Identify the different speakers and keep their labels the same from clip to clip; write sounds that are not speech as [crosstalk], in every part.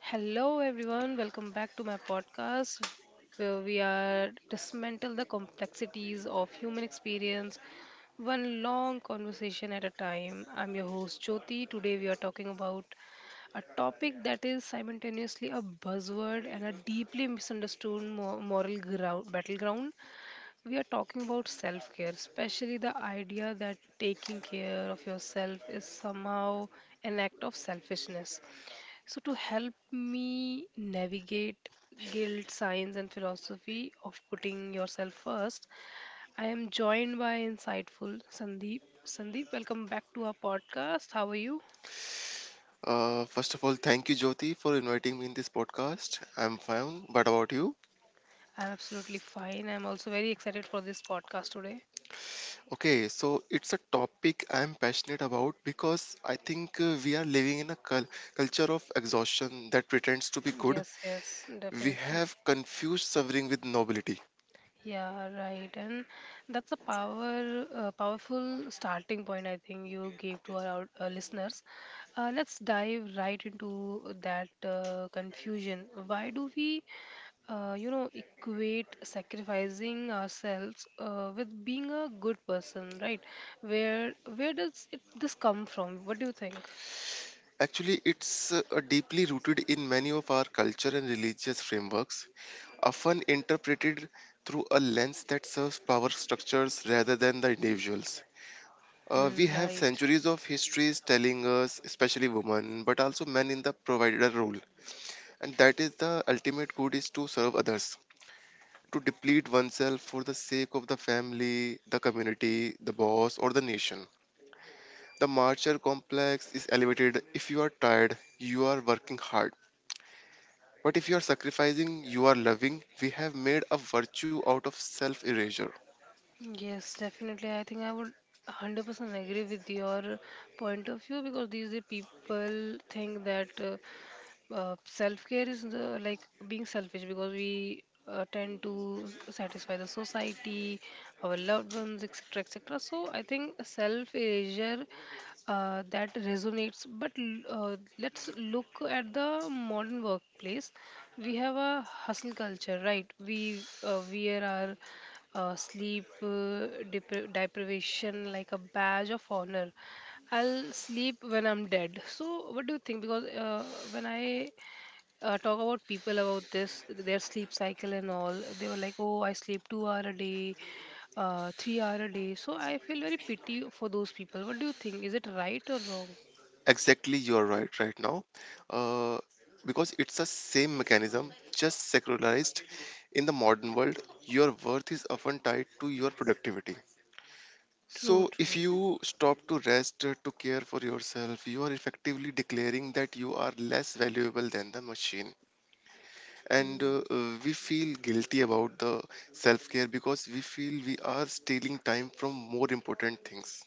Speaker 1: Hello, everyone. Welcome back to my podcast where we are dismantle the complexities of human experience one long conversation at a time. I'm your host Jyoti. Today we are talking about a topic that is simultaneously a buzzword and a deeply misunderstood moral ground, battleground. We are talking about self-care, especially the idea that taking care of yourself is somehow an act of selfishness. So, to help me navigate guilt, science, and philosophy of putting yourself first, I am joined by insightful Sandeep. Sandeep, welcome back to our podcast. How are you?
Speaker 2: First of all, thank you, Jyoti, for inviting me in this podcast. I'm fine, but about you?
Speaker 1: I'm absolutely fine. I'm also very excited for this podcast today.
Speaker 2: Okay, so it's a topic I'm passionate about because I think we are living in a culture of exhaustion that pretends to be good.
Speaker 1: Yes, yes,
Speaker 2: We
Speaker 1: definitely.
Speaker 2: have confused suffering with nobility.
Speaker 1: Yeah, right. And that's a powerful starting point I think you gave to our listeners. Let's dive right into that confusion. Why do we, equate sacrificing ourselves with being a good person, right? Where does this come from? What do you think?
Speaker 2: Actually, it's a deeply rooted in many of our culture and religious frameworks, often interpreted through a lens that serves power structures rather than the individuals. We
Speaker 1: Hmm,
Speaker 2: have
Speaker 1: right.
Speaker 2: centuries of histories telling us, especially women, but also men in the provider role. And that is the ultimate good is to serve others, to deplete oneself for the sake of the family, the community, the boss, or the nation. The martyr complex is elevated if you are tired, you are working hard. But if you are sacrificing, you are loving. We have made a virtue out of self erasure.
Speaker 1: Yes, definitely. I think I would 100% agree with your point of view because these days people think that self care is like being selfish because we tend to satisfy the society, our loved ones, etc., etc. So I think self erasure, that resonates. But let's look at the modern workplace. We have a hustle culture, right? We wear our sleep, deprivation like a badge of honor. I'll sleep when I'm dead. So what do you think? Because when I talk about people about this, their sleep cycle and all, they were like, oh, I sleep 2 hour a day, 3 hour a day. So I feel very pity for those people. What do you think? Is it right or wrong?
Speaker 2: Exactly, you're right right now, uh, because it's the same mechanism, just secularized. In the modern world, your worth is often tied to your productivity.
Speaker 1: True,
Speaker 2: So, if
Speaker 1: true.
Speaker 2: you stop to rest to care for yourself, you are effectively declaring that you are less valuable than the machine. And
Speaker 1: Hmm,
Speaker 2: we feel guilty about the self care because we feel we are stealing time from more important things.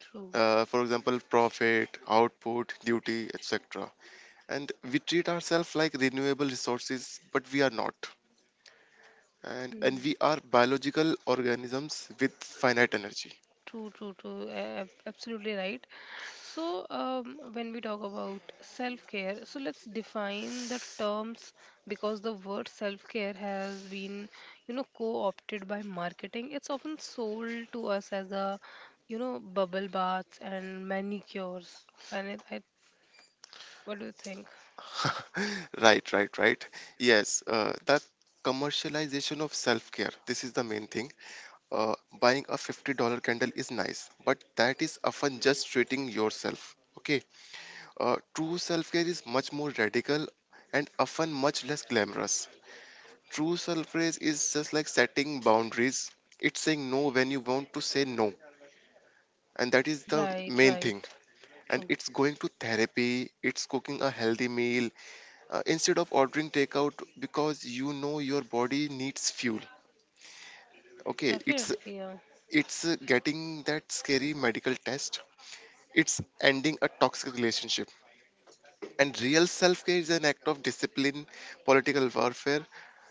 Speaker 1: true.
Speaker 2: For example, profit, output, duty, etc. And we treat ourselves like renewable resources, but we are not. And we are biological organisms with finite energy.
Speaker 1: True, true, true. Absolutely right. So, when we talk about self care, so let's define the terms, because the word self care has been, you know, co opted by marketing. It's often sold to us as a, you know, bubble baths and manicures. And what do you think?
Speaker 2: [laughs] Right. Yes, that commercialization of self-care, this is the main thing. uh, Buying a $50 candle is nice, but that is often just treating yourself. Okay, true self-care is much more radical and often much less glamorous. True self praise is just like setting boundaries. It's saying no when you want to say no. And that is the
Speaker 1: Right,
Speaker 2: main thing.
Speaker 1: right.
Speaker 2: And
Speaker 1: True.
Speaker 2: it's going to therapy, it's cooking a healthy meal instead of ordering takeout because you know your body needs fuel. Okay, it's
Speaker 1: Definitely, yeah.
Speaker 2: it's uh, getting that scary medical test. It's ending a toxic relationship. And real self-care is an act of discipline, political warfare,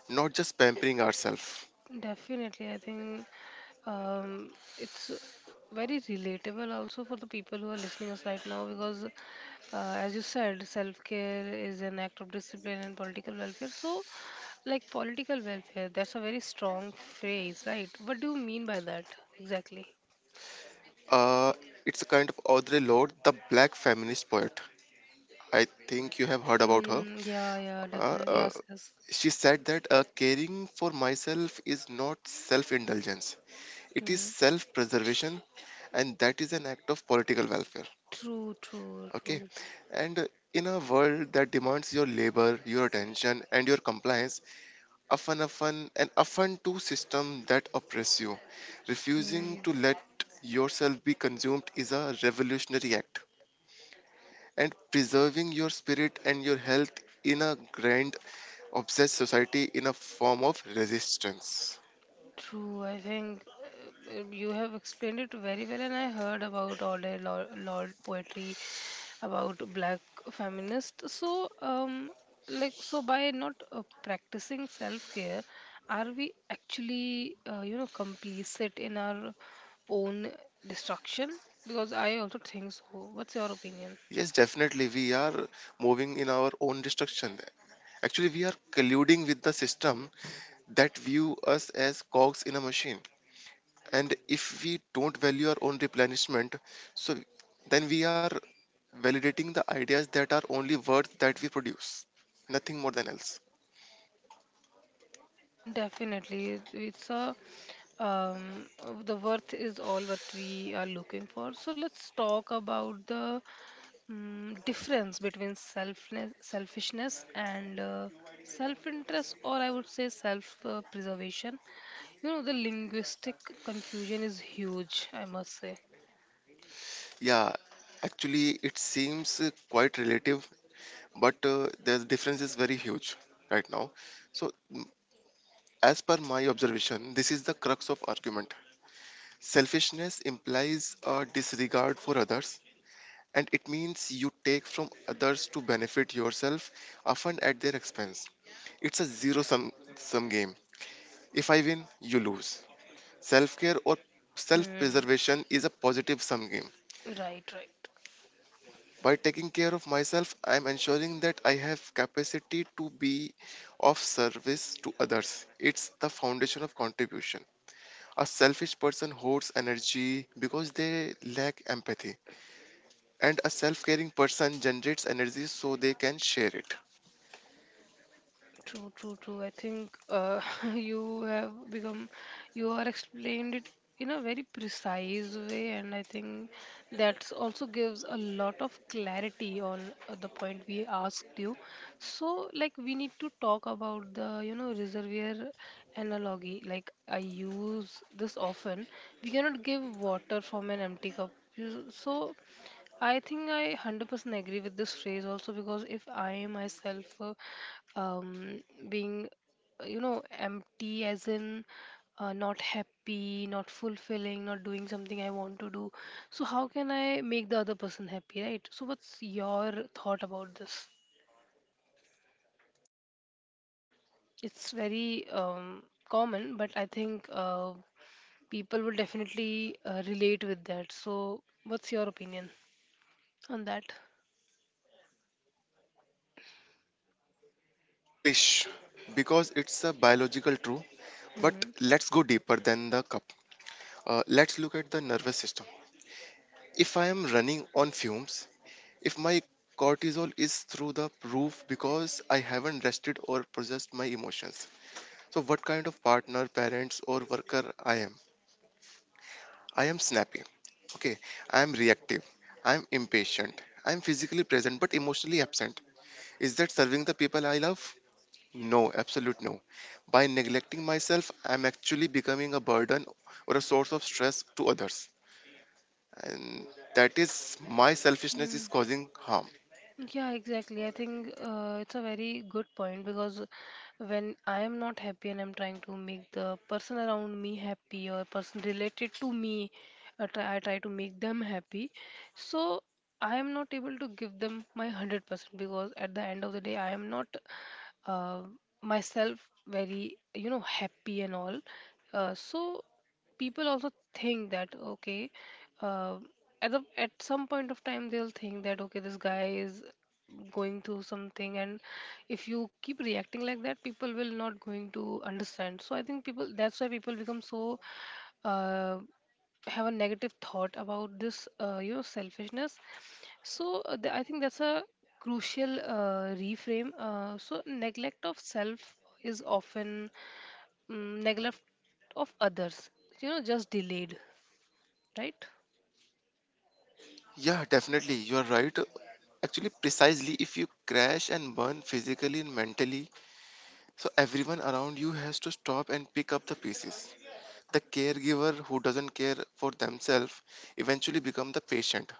Speaker 2: not just pampering ourselves.
Speaker 1: Definitely, I think it's very relatable also for the people who are listening us right now because, as you said, self care is an act of discipline and political welfare. So, like political welfare, that's a very strong phrase, right? What do you mean by that exactly?
Speaker 2: Uh, it's a kind of Audre Lorde, the black feminist poet. I think you have heard about her.
Speaker 1: Mm, yeah, yeah,
Speaker 2: Uh,
Speaker 1: definitely.
Speaker 2: uh,
Speaker 1: Yes, yes.
Speaker 2: she said that caring for myself is not self indulgence, it is
Speaker 1: Mm.
Speaker 2: self preservation, and that is an act of political welfare.
Speaker 1: True, true,
Speaker 2: Okay,
Speaker 1: true.
Speaker 2: and in a world that demands your labor, your attention, and your compliance, often, often, and often to system that oppress you, refusing
Speaker 1: Mm.
Speaker 2: to let yourself be consumed is a revolutionary act, and preserving your spirit and your health in a grand obsessed society in a form of resistance.
Speaker 1: True, I think you have explained it very well, and I heard about all the Lord poetry about black feminists. So, so by not practicing self care, are we actually, complicit in our own destruction? Because I also think so. What's your opinion?
Speaker 2: Yes, definitely, we are moving in our own destruction. Actually, we are colluding with the system that view us as cogs in a machine, and if we don't value our own replenishment, so then we are validating the ideas that are only words that we produce, nothing more than else.
Speaker 1: Definitely, it's a the worth is all what we are looking for. So let's talk about the difference between selfishness and self-interest, or I would say self-preservation. You know, the linguistic confusion is huge, I must say.
Speaker 2: Yeah, actually it seems quite relative, but the difference is very huge right now. So as per my observation, this is the crux of argument. Selfishness implies a disregard for others, and it means you take from others to benefit yourself, often at their expense. It's a zero sum game. If I win, you lose. Self care or self
Speaker 1: Hmm.
Speaker 2: preservation is a positive sum game.
Speaker 1: Right, right.
Speaker 2: By taking care of myself, I am ensuring that I have capacity to be of service to others. It's the foundation of contribution. A selfish person hoards energy because they lack empathy, and a self caring person generates energy so they can share it.
Speaker 1: True, true, true. I think [laughs] you have become, you are explained it in a very precise way, and I think that also gives a lot of clarity on the point we asked you. So, like, we need to talk about the, you know, reservoir analogy. Like, I use this often. We cannot give water from an empty cup. So, I think I 100% agree with this phrase also because if I myself um, being, empty as in not happy, not fulfilling, not doing something I want to do, so how can I make the other person happy, right? So, what's your thought about this? It's very common, but I think people will definitely relate with that. So, what's your opinion on that?
Speaker 2: Cliché, because it's a biological truth, but
Speaker 1: Mm-hmm.
Speaker 2: let's go deeper than the cup. Let's look at the nervous system. If I am running on fumes, if my cortisol is through the roof because I haven't rested or processed my emotions. So, what kind of partner, parents, or worker I am? I am snappy. Okay. I am reactive. I am impatient. I am physically present but emotionally absent. Is that serving the people I love? No, absolute no. By neglecting myself, I am actually becoming a burden or a source of stress to others. And that is my selfishness is causing harm.
Speaker 1: Yeah, exactly. I think it's a very good point because when I am not happy and I'm trying to make the person around me happy or person related to me, I try to make them happy. So I am not able to give them my 100% because at the end of the day, I am not uh, myself very, you know, happy and all. So people also think that okay, uh, at the at some point of time they'll think that okay, this guy is going through something, and if you keep reacting like that, people will not going to understand. So I think people, that's why people become so uh, have a negative thought about this selfishness. So I think that's a crucial reframe. So neglect of self is often neglect of others, you know, just delayed, right?
Speaker 2: Yeah, definitely. You are right. Actually, precisely if you crash and burn physically and mentally, so everyone around you has to stop and pick up the pieces. The caregiver who doesn't care for themselves eventually become the patient.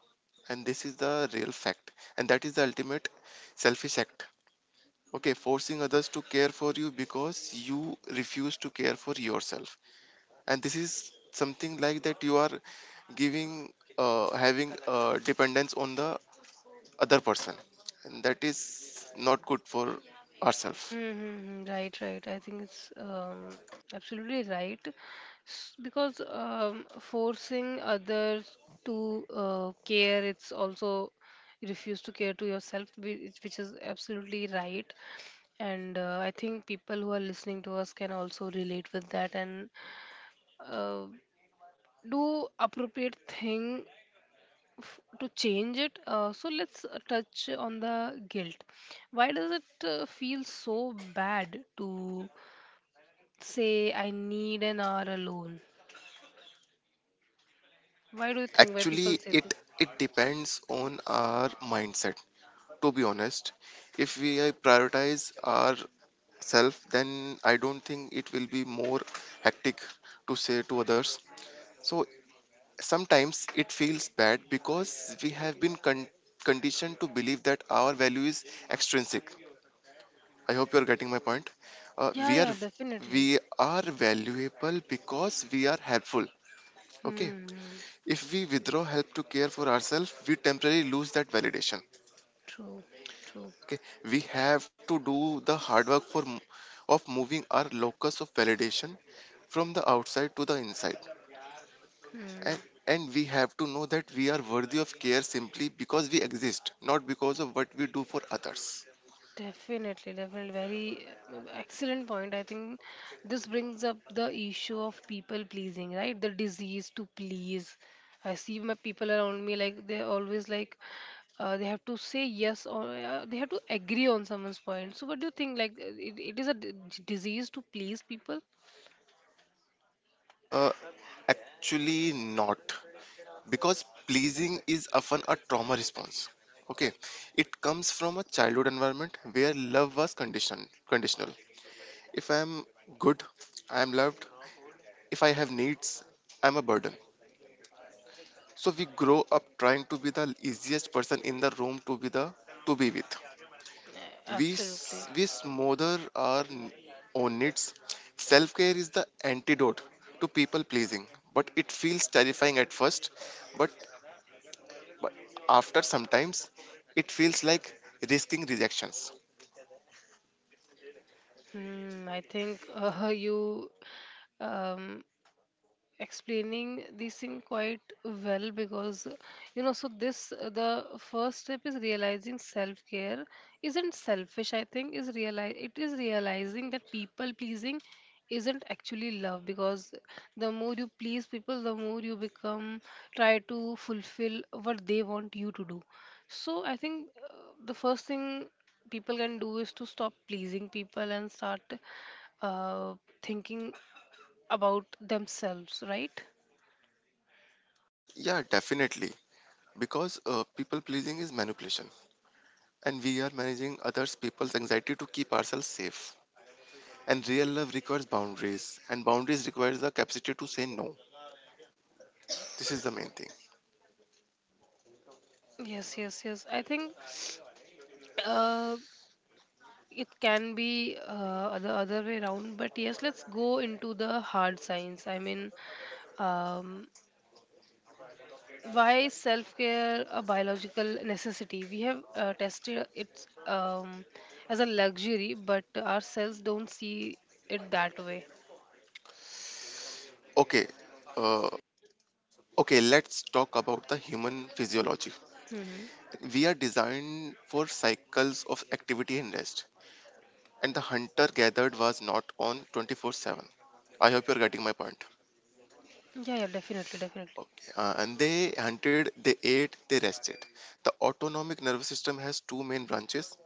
Speaker 2: And this is the real fact. And that is the ultimate selfish act. Okay, forcing others to care for you because you refuse to care for yourself. And this is something like that you are giving having dependence on the other person, and that is not good for ourselves.
Speaker 1: Mm-hmm, mm-hmm. Right, right. I think it's absolutely right. Because forcing others to care, it's also you refuse to care to yourself, which is absolutely right. And I think people who are listening to us can also relate with that, and uh, do appropriate thing to change it. So let's touch on the guilt. Why does it feel so bad to say I need an hour alone? Why do you think why people
Speaker 2: Actually,
Speaker 1: say
Speaker 2: it
Speaker 1: this?
Speaker 2: it depends on our mindset, to be honest. If we prioritize our self, then I don't think it will be more hectic to say to others. So sometimes it feels bad because we have been conditioned to believe that our value is extrinsic. I hope you're getting my point. Uh,
Speaker 1: Yeah,
Speaker 2: we are
Speaker 1: yeah, definitely.
Speaker 2: we are valuable because we are helpful. Okay.
Speaker 1: Hmm.
Speaker 2: If we withdraw help to care for ourselves, we temporarily lose that validation.
Speaker 1: True. True.
Speaker 2: Okay. We have to do the hard work of moving our locus of validation from the outside to the inside.
Speaker 1: Hmm.
Speaker 2: And and we have to know that we are worthy of care simply because we exist, not because of what we do for others.
Speaker 1: Definitely, definitely. Very excellent point. I think this brings up the issue of people pleasing, right? The disease to please. I see my people around me, like they're always like they have to say yes, or they have to agree on someone's point. So, what do you think? Like, it is a disease to please people?
Speaker 2: Uh, Actually, not, because pleasing is often a trauma response. Okay, it comes from a childhood environment where love was conditioned conditional. If I am good, I am loved. If I have needs, I am a burden. So we grow up trying to be the easiest person in the room, to be the to be with.
Speaker 1: Uh, Absolutely.
Speaker 2: We smother our own needs. Self care is the antidote to people pleasing, but it feels terrifying at first. But but after sometimes it feels like risking rejections.
Speaker 1: Hmm. I think [laughs] you um, explaining this thing quite well because, you know, so this the first step is realizing self care isn't selfish. I think is realize it is realizing that people pleasing isn't actually love, because the more you please people, the more you become try to fulfill what they want you to do. So I think the first thing people can do is to stop pleasing people and start uh, thinking about themselves, right?
Speaker 2: Yeah, definitely, because people pleasing is manipulation, and we are managing others people's anxiety to keep ourselves safe. And real love requires boundaries, and boundaries requires the capacity to say no. This is the main thing.
Speaker 1: Yes, yes, yes. I think uh, it can be the other way around, but yes, let's go into the hard science. I mean, um, why self care a biological necessity? We have tested it as a luxury, but our cells don't see it that way.
Speaker 2: Okay, uh, okay let's talk about the human physiology.
Speaker 1: Hmm.
Speaker 2: We are designed for cycles of activity and rest, and the hunter gathered was not on 24/7. I hope you're getting my point.
Speaker 1: Yeah, yeah, definitely, definitely.
Speaker 2: Okay. And they hunted, they ate, they rested. The autonomic nervous system has two main branches,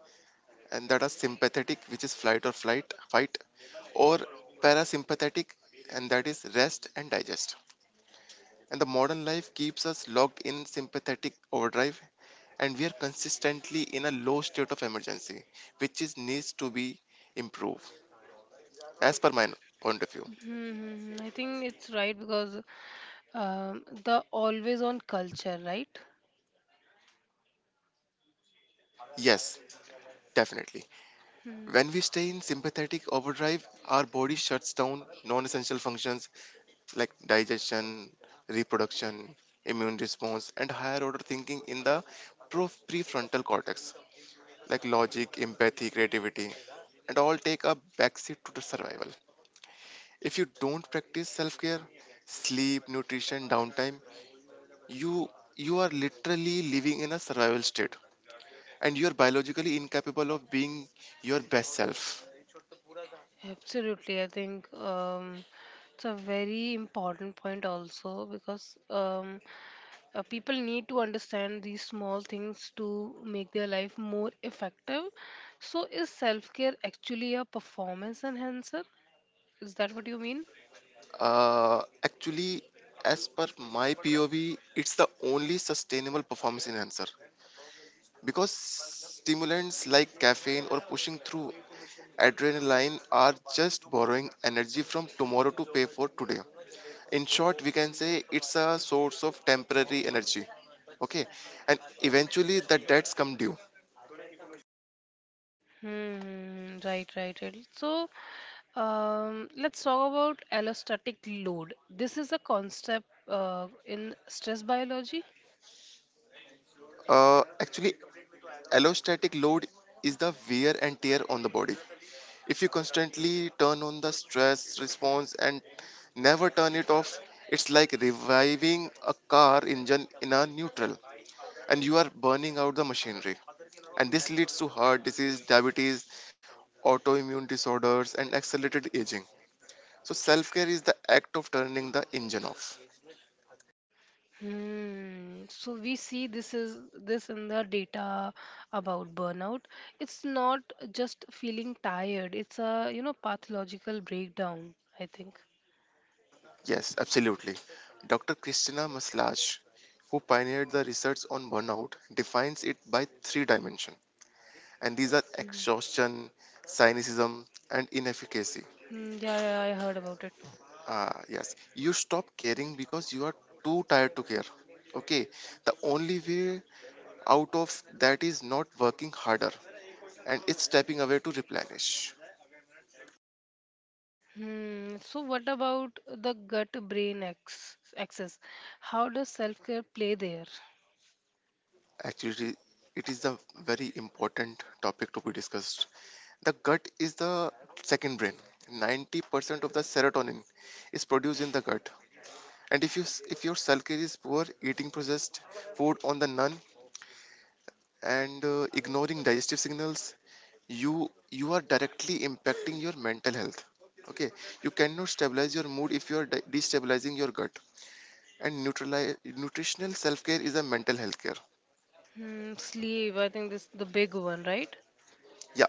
Speaker 2: and that are sympathetic, which is flight or flight, fight, or parasympathetic, and that is rest and digest. And the modern life keeps us locked in sympathetic overdrive, and we are consistently in a low state of emergency, which is needs to be improved, as per my point of view.
Speaker 1: Hmm. I think it's right because, the always on culture, right?
Speaker 2: Yes, definitely. When we stay in sympathetic overdrive, our body shuts down non essential functions like digestion, reproduction, immune response, and higher order thinking in the prefrontal cortex, like logic, empathy, creativity, and all take a backseat to the survival. If you don't practice self care, sleep, nutrition, downtime, you you are literally living in a survival state, and you are biologically incapable of being your best self.
Speaker 1: Absolutely, I think it's a very important point also because people need to understand these small things to make their life more effective. So, is self care actually a performance enhancer? Is that what you mean?
Speaker 2: Actually, as per my POV, it's the only sustainable performance enhancer because stimulants like caffeine or pushing through adrenaline are just borrowing energy from tomorrow to pay for today. In short, we can say it's a source of temporary energy. Okay, and eventually the debts come due.
Speaker 1: Hmm, right, right, right. So, let's talk about allostatic load. This is a concept in stress biology.
Speaker 2: Actually, allostatic load is the wear and tear on the body. If you constantly turn on the stress response and never turn it off, it's like reviving a car engine in a neutral, and you are burning out the machinery. And this leads to heart disease, diabetes, autoimmune disorders, and accelerated aging. So, self care is the act of turning the engine off.
Speaker 1: Hmm. So we see this in the data about burnout. It's not just feeling tired. It's a, you know, pathological breakdown, I think.
Speaker 2: Yes, absolutely. Dr. Christina Maslach, who pioneered the research on burnout, defines it by three dimensions, and these are exhaustion, cynicism, and inefficacy.
Speaker 1: Hmm, yeah, yeah, I heard about it.
Speaker 2: Yes, you stop caring because you are too tired to care. Okay, the only way out of that is not working harder, and it's stepping away to replenish.
Speaker 1: Hmm. So what about the gut-brain ex axis? How does self-care play there?
Speaker 2: Actually, it is a very important topic to be discussed. The gut is the second brain. 90% of the serotonin is produced in the gut. And if if your self care is poor, eating processed food on the none and ignoring digestive signals, you are directly impacting your mental health. Okay, you cannot stabilize your mood if you are destabilizing your gut, and neutralize nutritional self-care is a mental health care.
Speaker 1: Hmm. Sleep. I think this the big one, right?
Speaker 2: Yeah,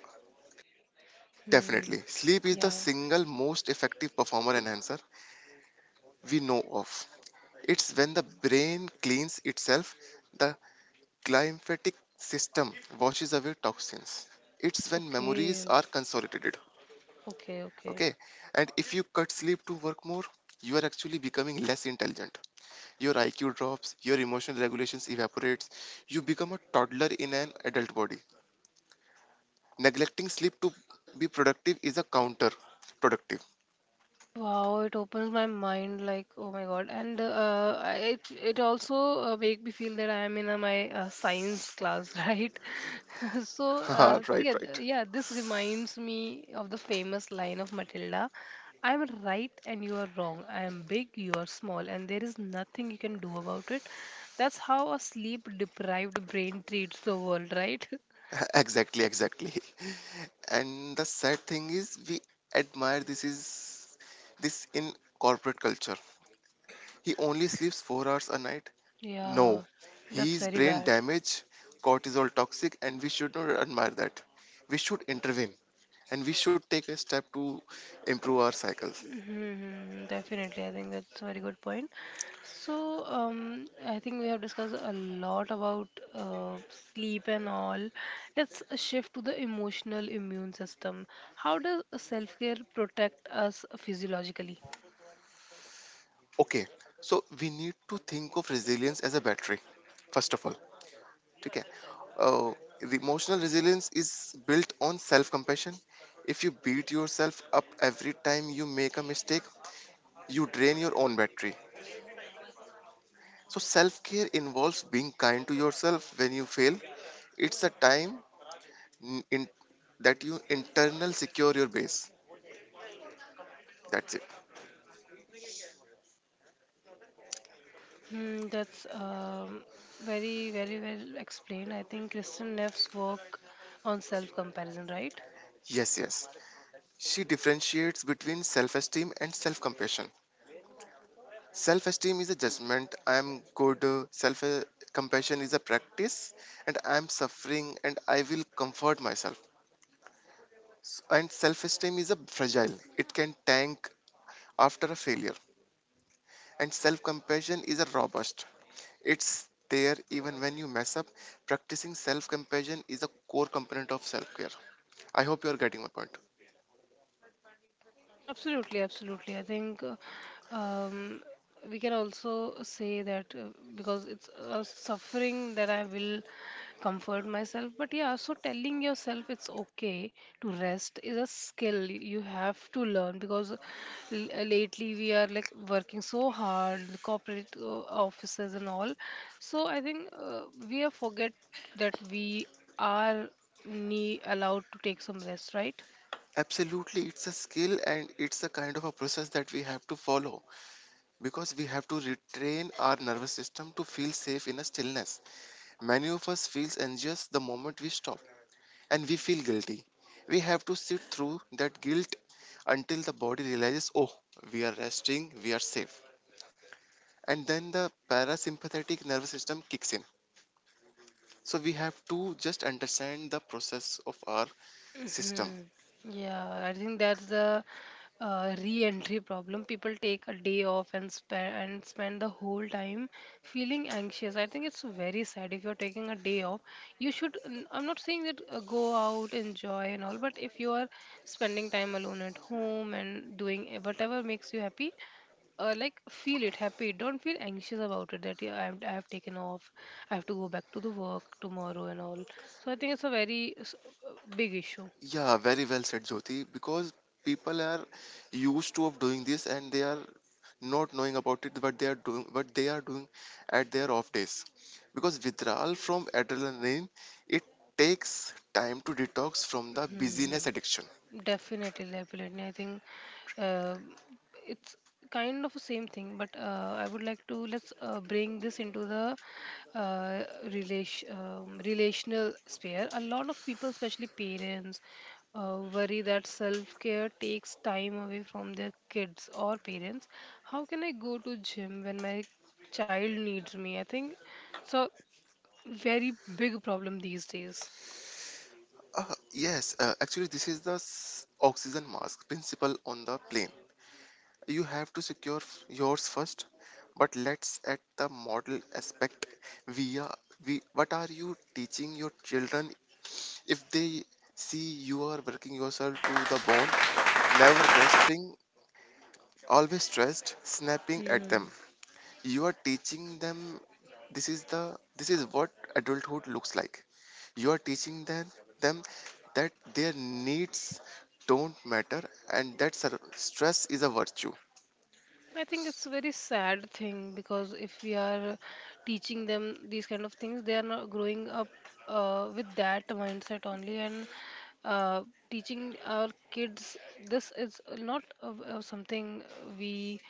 Speaker 1: Hmm.
Speaker 2: definitely sleep is the
Speaker 1: Yeah.
Speaker 2: single most effective performer enhancer we know of. It's when the brain cleans itself, the glymphatic system washes away toxins. It's when memories
Speaker 1: Okay.
Speaker 2: are consolidated.
Speaker 1: Okay. Okay.
Speaker 2: Okay, and if you cut sleep to work more, you are actually becoming less intelligent. Your IQ drops, your emotional regulations evaporates, you become a toddler in an adult body. Neglecting sleep to be productive is a counter productive.
Speaker 1: Wow, it opens my mind like, oh my god. And it it also make me feel that I am in my science class, [laughs] right? [laughs] So
Speaker 2: [laughs] Haha, right right
Speaker 1: yeah, this reminds me of the famous line of Matilda, "I'm right and you are wrong. I am big, you are small, and there is nothing you can do about it." That's how a sleep-deprived brain treats the world, right? [laughs]
Speaker 2: [laughs] Exactly, exactly. And the sad thing is we admire this in corporate culture. He only sleeps 4 hours a night.
Speaker 1: Yeah,
Speaker 2: No, he
Speaker 1: that's
Speaker 2: is
Speaker 1: very
Speaker 2: brain
Speaker 1: bad.
Speaker 2: damaged, cortisol toxic, and we should not admire that. We should intervene and we should take a step to improve our cycles.
Speaker 1: Hmm, definitely, I think that's a very good point. So, I think we have discussed a lot about sleep and all. Let's shift to the emotional immune system. How does self care protect us physiologically?
Speaker 2: Okay, so we need to think of resilience as a battery, first of all. Okay, uh, the emotional resilience is built on self compassion. If you beat yourself up every time you make a mistake, you drain your own battery. So, self care involves being kind to yourself when you fail. It's a time in that you internal secure your base. That's it.
Speaker 1: Hmm, that's very, very well explained. I think Kristen Neff's work on self comparison, right?
Speaker 2: Yes, yes. She differentiates between self esteem and self compassion. Self esteem is a judgment I am good, self compassion is a practice, and I am suffering and I will comfort myself. And self esteem is a fragile, it can tank after a failure, and self compassion is a robust. It's there even when you mess up. Practicing self compassion is a core component of self care. I hope you are getting my point.
Speaker 1: Absolutely, absolutely. I think um, we can also say that because it's a suffering that I will comfort myself. But yeah, so telling yourself it's okay to rest is a skill you have to learn, because lately we are like working so hard, the corporate offices and all. So I think we have forget that we are need allowed to take some rest, right?
Speaker 2: Absolutely, it's a skill and it's a kind of a process that we have to follow because we have to retrain our nervous system to feel safe in a stillness. Many of us feels anxious the moment we stop and we feel guilty. We have to sit through that guilt until the body realizes, oh, we are resting, we are safe. And then the parasympathetic nervous system kicks in. So we have to just understand the process of our system.
Speaker 1: Hmm. Yeah, I think that's the re-entry problem. People take a day off and spend the whole time feeling anxious. I think it's very sad. If you're taking a day off, you should. I'm not saying that go out, enjoy and all, but if you are spending time alone at home and doing whatever makes you happy, like feel it happy. Don't feel anxious about it that yeah, I've taken off. I have to go back to the work tomorrow and all. So I think it's a uh, big issue.
Speaker 2: Yeah, very well said, Jyoti. Because people are used to of doing this and they are not knowing about it what they are doing at their off days. Because withdrawal from adrenaline, it takes time to detox from the busyness
Speaker 1: Mhm.
Speaker 2: addiction.
Speaker 1: Definitely, definitely. I think uh, it's kind of the same thing, but I would like to, let's bring this into the uh, relational sphere. A lot of people, especially parents, worry that self care takes time away from their kids or parents. How can I go to gym when my child needs me? I think so. Very big problem these days.
Speaker 2: Uh, yes, actually this is oxygen mask principle on the plane. You have to secure yours first, but let's at the model aspect via, we what are you teaching your children? If they see you are working yourself to the bone, never resting, always stressed, snapping at them, you are teaching them this is the this is what adulthood looks like. You are teaching them that their needs don't matter, and that stress is a virtue.
Speaker 1: I think it's a very sad thing because if we are teaching them these kind of things, they are not growing up with that mindset only, and uh, teaching our kids this is not something we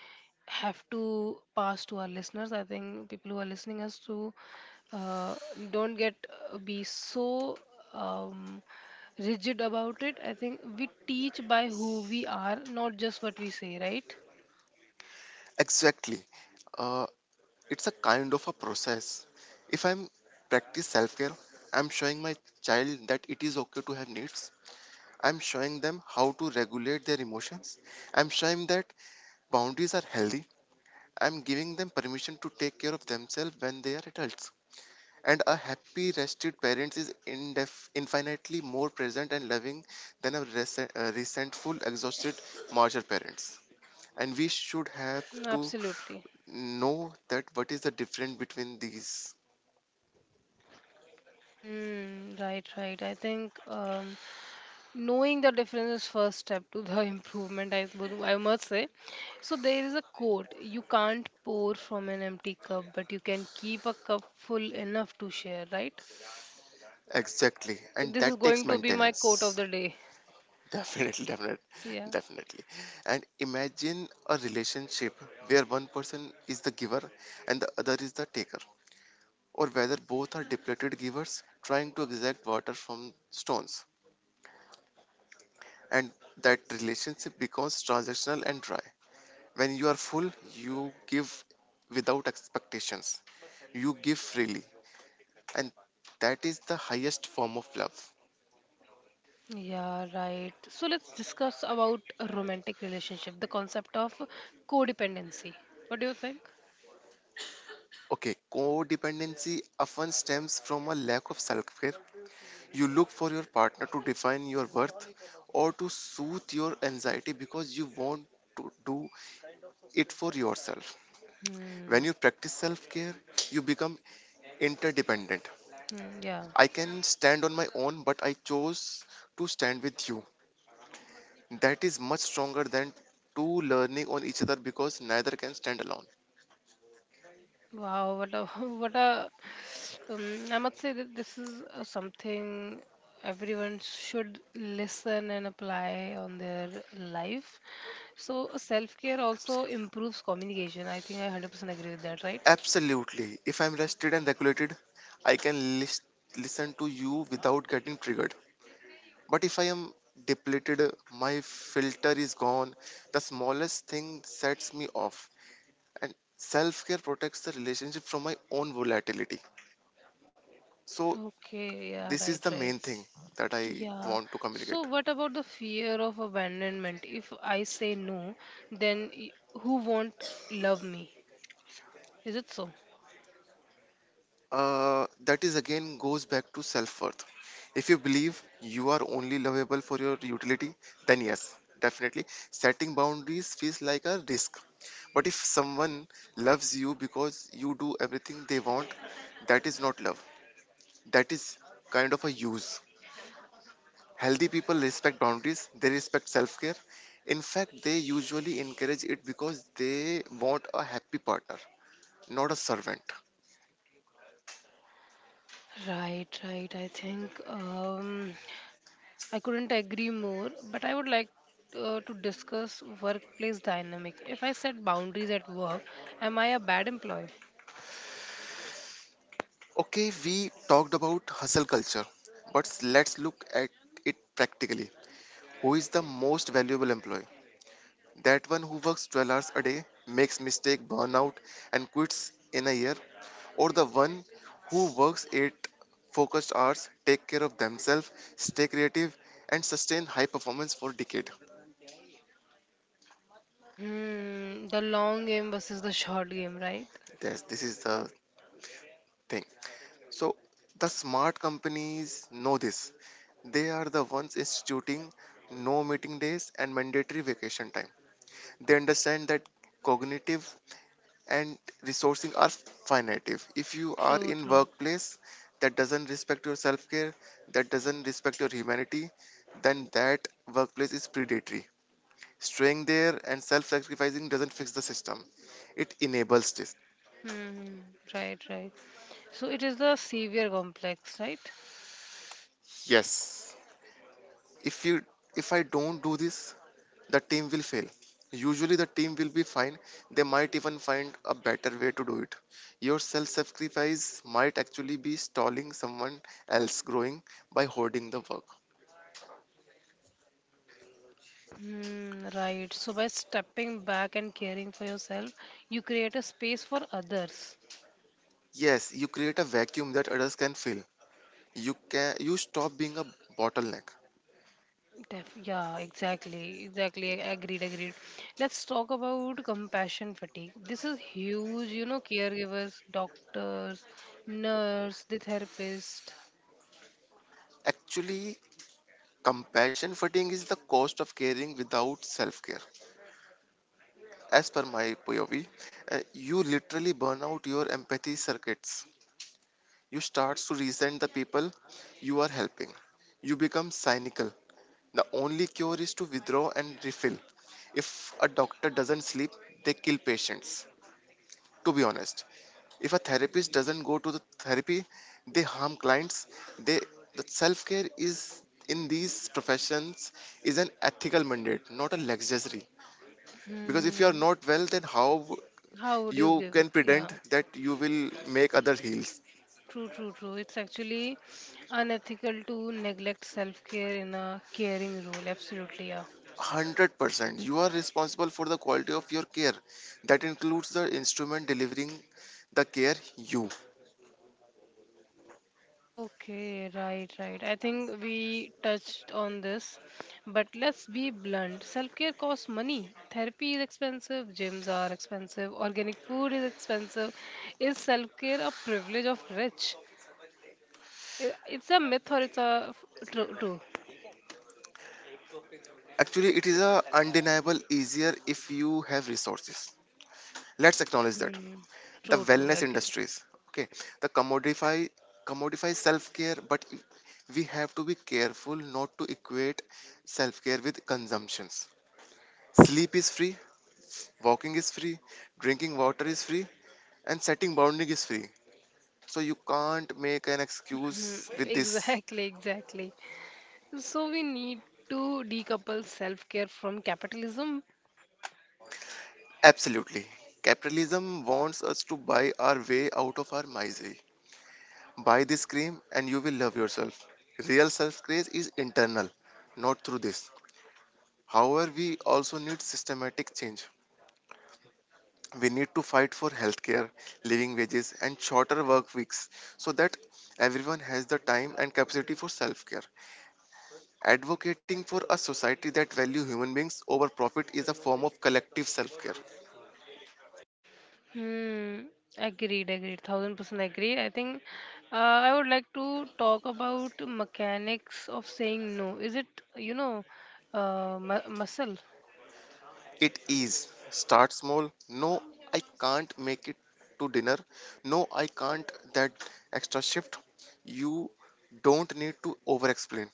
Speaker 1: have to pass to our listeners. I think people who are listening us to uh, don't get be so um, rigid about it. I think we teach by who we are, not just what we say, right?
Speaker 2: Exactly. Uh, it's a kind of a process. If I'm practice self care, I'm showing my child that it is okay to have needs. I'm showing them how to regulate their emotions. I'm showing that boundaries are healthy. I'm giving them permission to take care of themselves when they are adults. And a happy, rested parent is infinitely more present and loving than a resentful, exhausted, martyr parents. And we should have
Speaker 1: Mm.
Speaker 2: to
Speaker 1: Absolutely.
Speaker 2: know that what is the difference between these.
Speaker 1: Hmm, right, right. I think knowing the difference is first step to the [laughs] improvement, I must say. So there is a quote: you can't pour from an empty cup, but you can keep a cup full enough to share, right?
Speaker 2: Exactly, and
Speaker 1: This is
Speaker 2: that takes
Speaker 1: going to be my quote of
Speaker 2: maintenance.
Speaker 1: the day.
Speaker 2: [laughs] Definitely, definitely,
Speaker 1: Yeah.
Speaker 2: definitely. And imagine a relationship where one person is the giver and the other is the taker, or whether both are depleted givers trying to exact water from stones. And that relationship becomes transactional and dry. When you are full, you give without expectations, you give freely, and that is the highest form of love.
Speaker 1: Yeah, right. So let's discuss about a romantic relationship, the concept of codependency. What do you think?
Speaker 2: Okay, codependency often stems from a lack of self care. You look for your partner to define your worth or to soothe your anxiety because you want to do it for yourself. When
Speaker 1: Hmm.
Speaker 2: you practice self care, you become interdependent.
Speaker 1: Hmm, yeah.
Speaker 2: I can stand on my own, but I chose to stand with you. That is much stronger than two learning on each other because neither can stand alone.
Speaker 1: Wow, what a [laughs] what a I must say that this is something everyone should listen and apply on their life. So self-care also improves communication. I think I 100% agree with that, right?
Speaker 2: Absolutely. If I'm rested and regulated, I can listen to you without getting triggered. But if I am depleted, my filter is gone. The smallest thing sets me off. And self care protects the relationship from my own volatility. So,
Speaker 1: Okay, yeah,
Speaker 2: this is the
Speaker 1: right,
Speaker 2: main
Speaker 1: right.
Speaker 2: thing that I
Speaker 1: Yeah.
Speaker 2: want to communicate.
Speaker 1: So what about the fear of abandonment? If I say no, then who won't love me? Is it so?
Speaker 2: That is again goes back to self worth. If you believe you are only lovable for your utility, then yes, definitely. Setting boundaries feels like a risk. But if someone loves you because you do everything they want, that is not love, that is kind of a use. Healthy people respect boundaries, they respect self care. In fact, they usually encourage it because they want a happy partner, not a servant.
Speaker 1: Right, right. I think I couldn't agree more, but I would like to discuss workplace dynamic. If I set boundaries at work, am I a bad employee?
Speaker 2: Okay, we talked about hustle culture, but let's look at it practically. Who is the most valuable employee? That one who works 12 hours a day, makes mistake, burn out, and quits in a year, or the one who works 8 focused hours, take care of themselves, stay creative, and sustain high performance for decade?
Speaker 1: Hmm, the long game versus the short game, right?
Speaker 2: Yes, this is the thing. So the smart companies know this. They are the ones instituting no meeting days and mandatory vacation time. They understand that cognitive and resourcing are finite. If you are
Speaker 1: True,
Speaker 2: in
Speaker 1: true.
Speaker 2: workplace that doesn't respect your self-care, that doesn't respect your humanity, then that workplace is predatory. Staying there and self-sacrificing doesn't fix the system, it enables this.
Speaker 1: Hmm, right, right. So it is the savior complex, right?
Speaker 2: Yes, if you, if I don't do this, the team will fail. Usually the team will be fine, they might even find a better way to do it. Your self-sacrifice might actually be stalling someone else growing by hoarding the work.
Speaker 1: Hmm, right. So by stepping back and caring for yourself, you create a space for others.
Speaker 2: Yes, you create a vacuum that others can fill. You stop being a bottleneck.
Speaker 1: Def yeah, exactly, exactly. Agreed, agreed. Let's talk about compassion fatigue. This is huge, you know, caregivers, doctors, nurse, the therapist.
Speaker 2: Actually, compassion fatigue is the cost of caring without self-care. As per my POV, you literally burn out your empathy circuits. You start to resent the people you are helping. You become cynical. The only cure is to withdraw and refill. If a doctor doesn't sleep, they kill patients. To be honest. If a therapist doesn't go to the therapy, they harm clients. They, the self-care is in these professions is an ethical mandate, not a luxury. Because if you are
Speaker 1: Hmm.
Speaker 2: not well, then how
Speaker 1: How would you
Speaker 2: you
Speaker 1: give it?
Speaker 2: can
Speaker 1: Yeah,
Speaker 2: pretend that you will make other heals.
Speaker 1: true, true, true. It's actually unethical to neglect self-care in a caring role. Absolutely, yeah.
Speaker 2: 100% you are responsible for the quality of your care, that includes the instrument delivering the care you.
Speaker 1: Okay, right, right. I think we touched on this, but let's be blunt. Self-care costs money. Therapy is expensive, gyms are expensive, organic food is expensive. Is self-care a privilege of rich? It's a myth or it's a f- true, true.
Speaker 2: Actually it is a undeniable easier if you have resources, let's acknowledge that.
Speaker 1: Hmm.
Speaker 2: The
Speaker 1: True, true,
Speaker 2: wellness
Speaker 1: agree.
Speaker 2: industries, okay, the commodify self-care, but we have to be careful not to equate self-care with consumptions. Sleep is free, walking is free, drinking water is free, and setting boundary is free. So you can't make an excuse
Speaker 1: Hmm, [laughs]
Speaker 2: with this.
Speaker 1: exactly, exactly. So we need to decouple self-care from capitalism.
Speaker 2: Absolutely, capitalism wants us to buy our way out of our misery. Buy this cream and you will love yourself. Real self-care is internal, not through this. However, we also need systematic change. We need to fight for healthcare, living wages, and shorter work weeks so that everyone has the time and capacity for self care. Advocating for a society that values human beings over profit is a form of collective self care.
Speaker 1: Hmm. Agreed, agreed. 1000% agreed. I think I would like to talk about mechanics of saying no. Is it, you know, muscle?
Speaker 2: It is. Start small. No, I can't make it to dinner. No, I can't that extra shift. You don't need to over explain.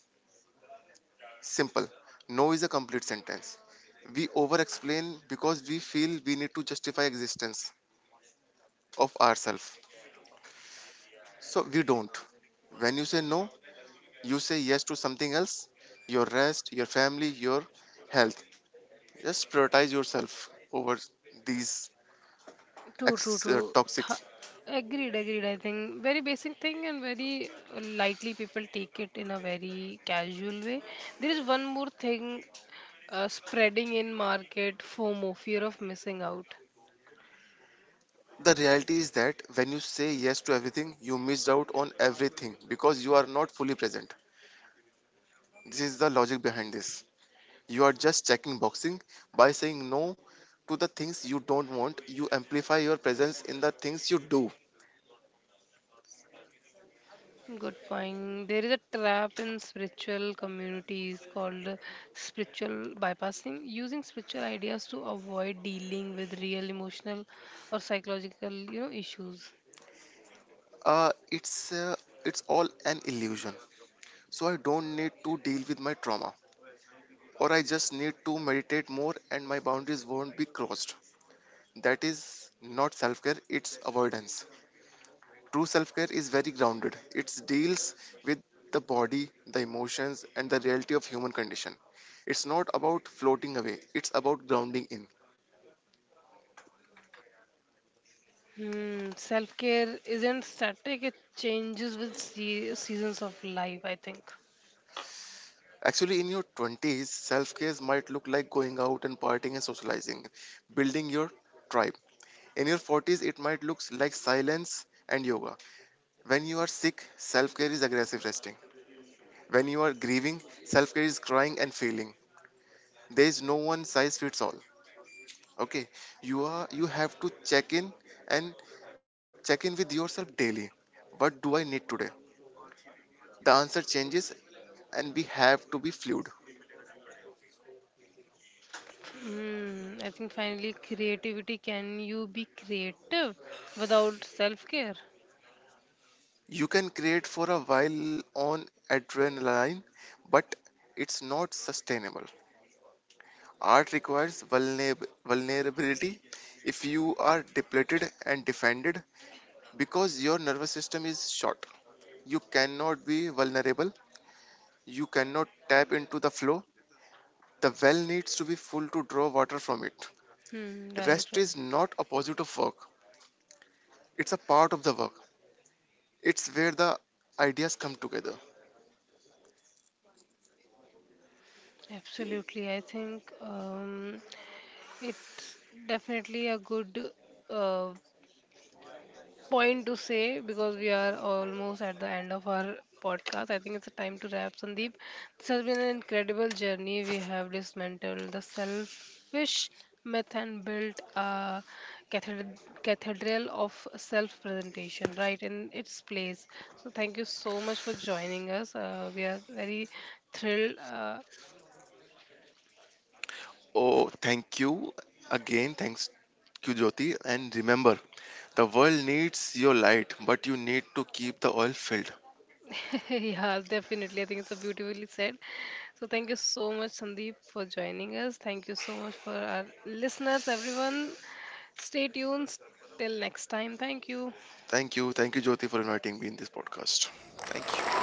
Speaker 2: Simple. No is a complete sentence. We over explain because we feel we need to justify existence of ourselves. So we don't. When you say no, you say yes to something else. Your rest, your family, your health. Just prioritize yourself over these
Speaker 1: True, true, true.
Speaker 2: toxics.
Speaker 1: Agreed, agreed. I think very basic thing and very lightly people take it in a very casual way. There is one more thing spreading in market FOMO, fear of missing out.
Speaker 2: The reality is that when you say yes to everything, you missed out on everything because you are not fully present. This is the logic behind this. You are just checking boxing by saying no to the things you don't want. You amplify your presence in the things you do.
Speaker 1: Good point. There is a trap in spiritual communities called spiritual bypassing, using spiritual ideas to avoid dealing with real emotional or psychological, you know, issues.
Speaker 2: Uh, it's uh, it's all an illusion. So I don't need to deal with my trauma, or I just need to meditate more, and my boundaries won't be crossed. That is not self-care; it's avoidance. True self-care is very grounded. It deals with the body, the emotions, and the reality of human condition. It's not about floating away. It's about grounding in.
Speaker 1: Hmm, self-care isn't static; it changes with seasons of life, I think.
Speaker 2: Actually, in your 20s, self care might look like going out and partying and socializing, building your tribe. In your 40s, it might look like silence and yoga. When you are sick, self care is aggressive resting. When you are grieving, self care is crying and feeling. There is no one size fits all. Okay, you have to check in and check in with yourself daily. What do I need today? The answer changes, and we have to be fluid.
Speaker 1: Hmm, I think finally, creativity. Can you be creative without self-care?
Speaker 2: You can create for a while on adrenaline, but it's not sustainable. Art requires vulnerability if you are depleted and defended because your nervous system is short. You cannot be vulnerable, you cannot tap into the flow. The well needs to be full to draw water from it.
Speaker 1: Hmm, right,
Speaker 2: Rest
Speaker 1: right.
Speaker 2: is not opposite of work, it's a part of the work. It's where the ideas come together.
Speaker 1: Absolutely, I think. It's definitely a good uh, point to say because we are almost at the end of our podcast. I think it's a time to wrap, Sandeep. This has been an incredible journey. We have dismantled the selfish myth and built a cathedral of self presentation right in its place. So, thank you so much for joining us. We are very thrilled.
Speaker 2: Oh, thank you again. Thanks you, Jyoti. And remember, the world needs your light, but you need to keep the oil filled.
Speaker 1: [laughs] Yeah, definitely. I think it's a beautifully said. So thank you so much, Sandeep, for joining us. Thank you so much for our listeners, everyone. Stay tuned. Till next time. Thank you.
Speaker 2: Thank you. Thank you, Jyoti, for inviting me in this podcast. Thank you.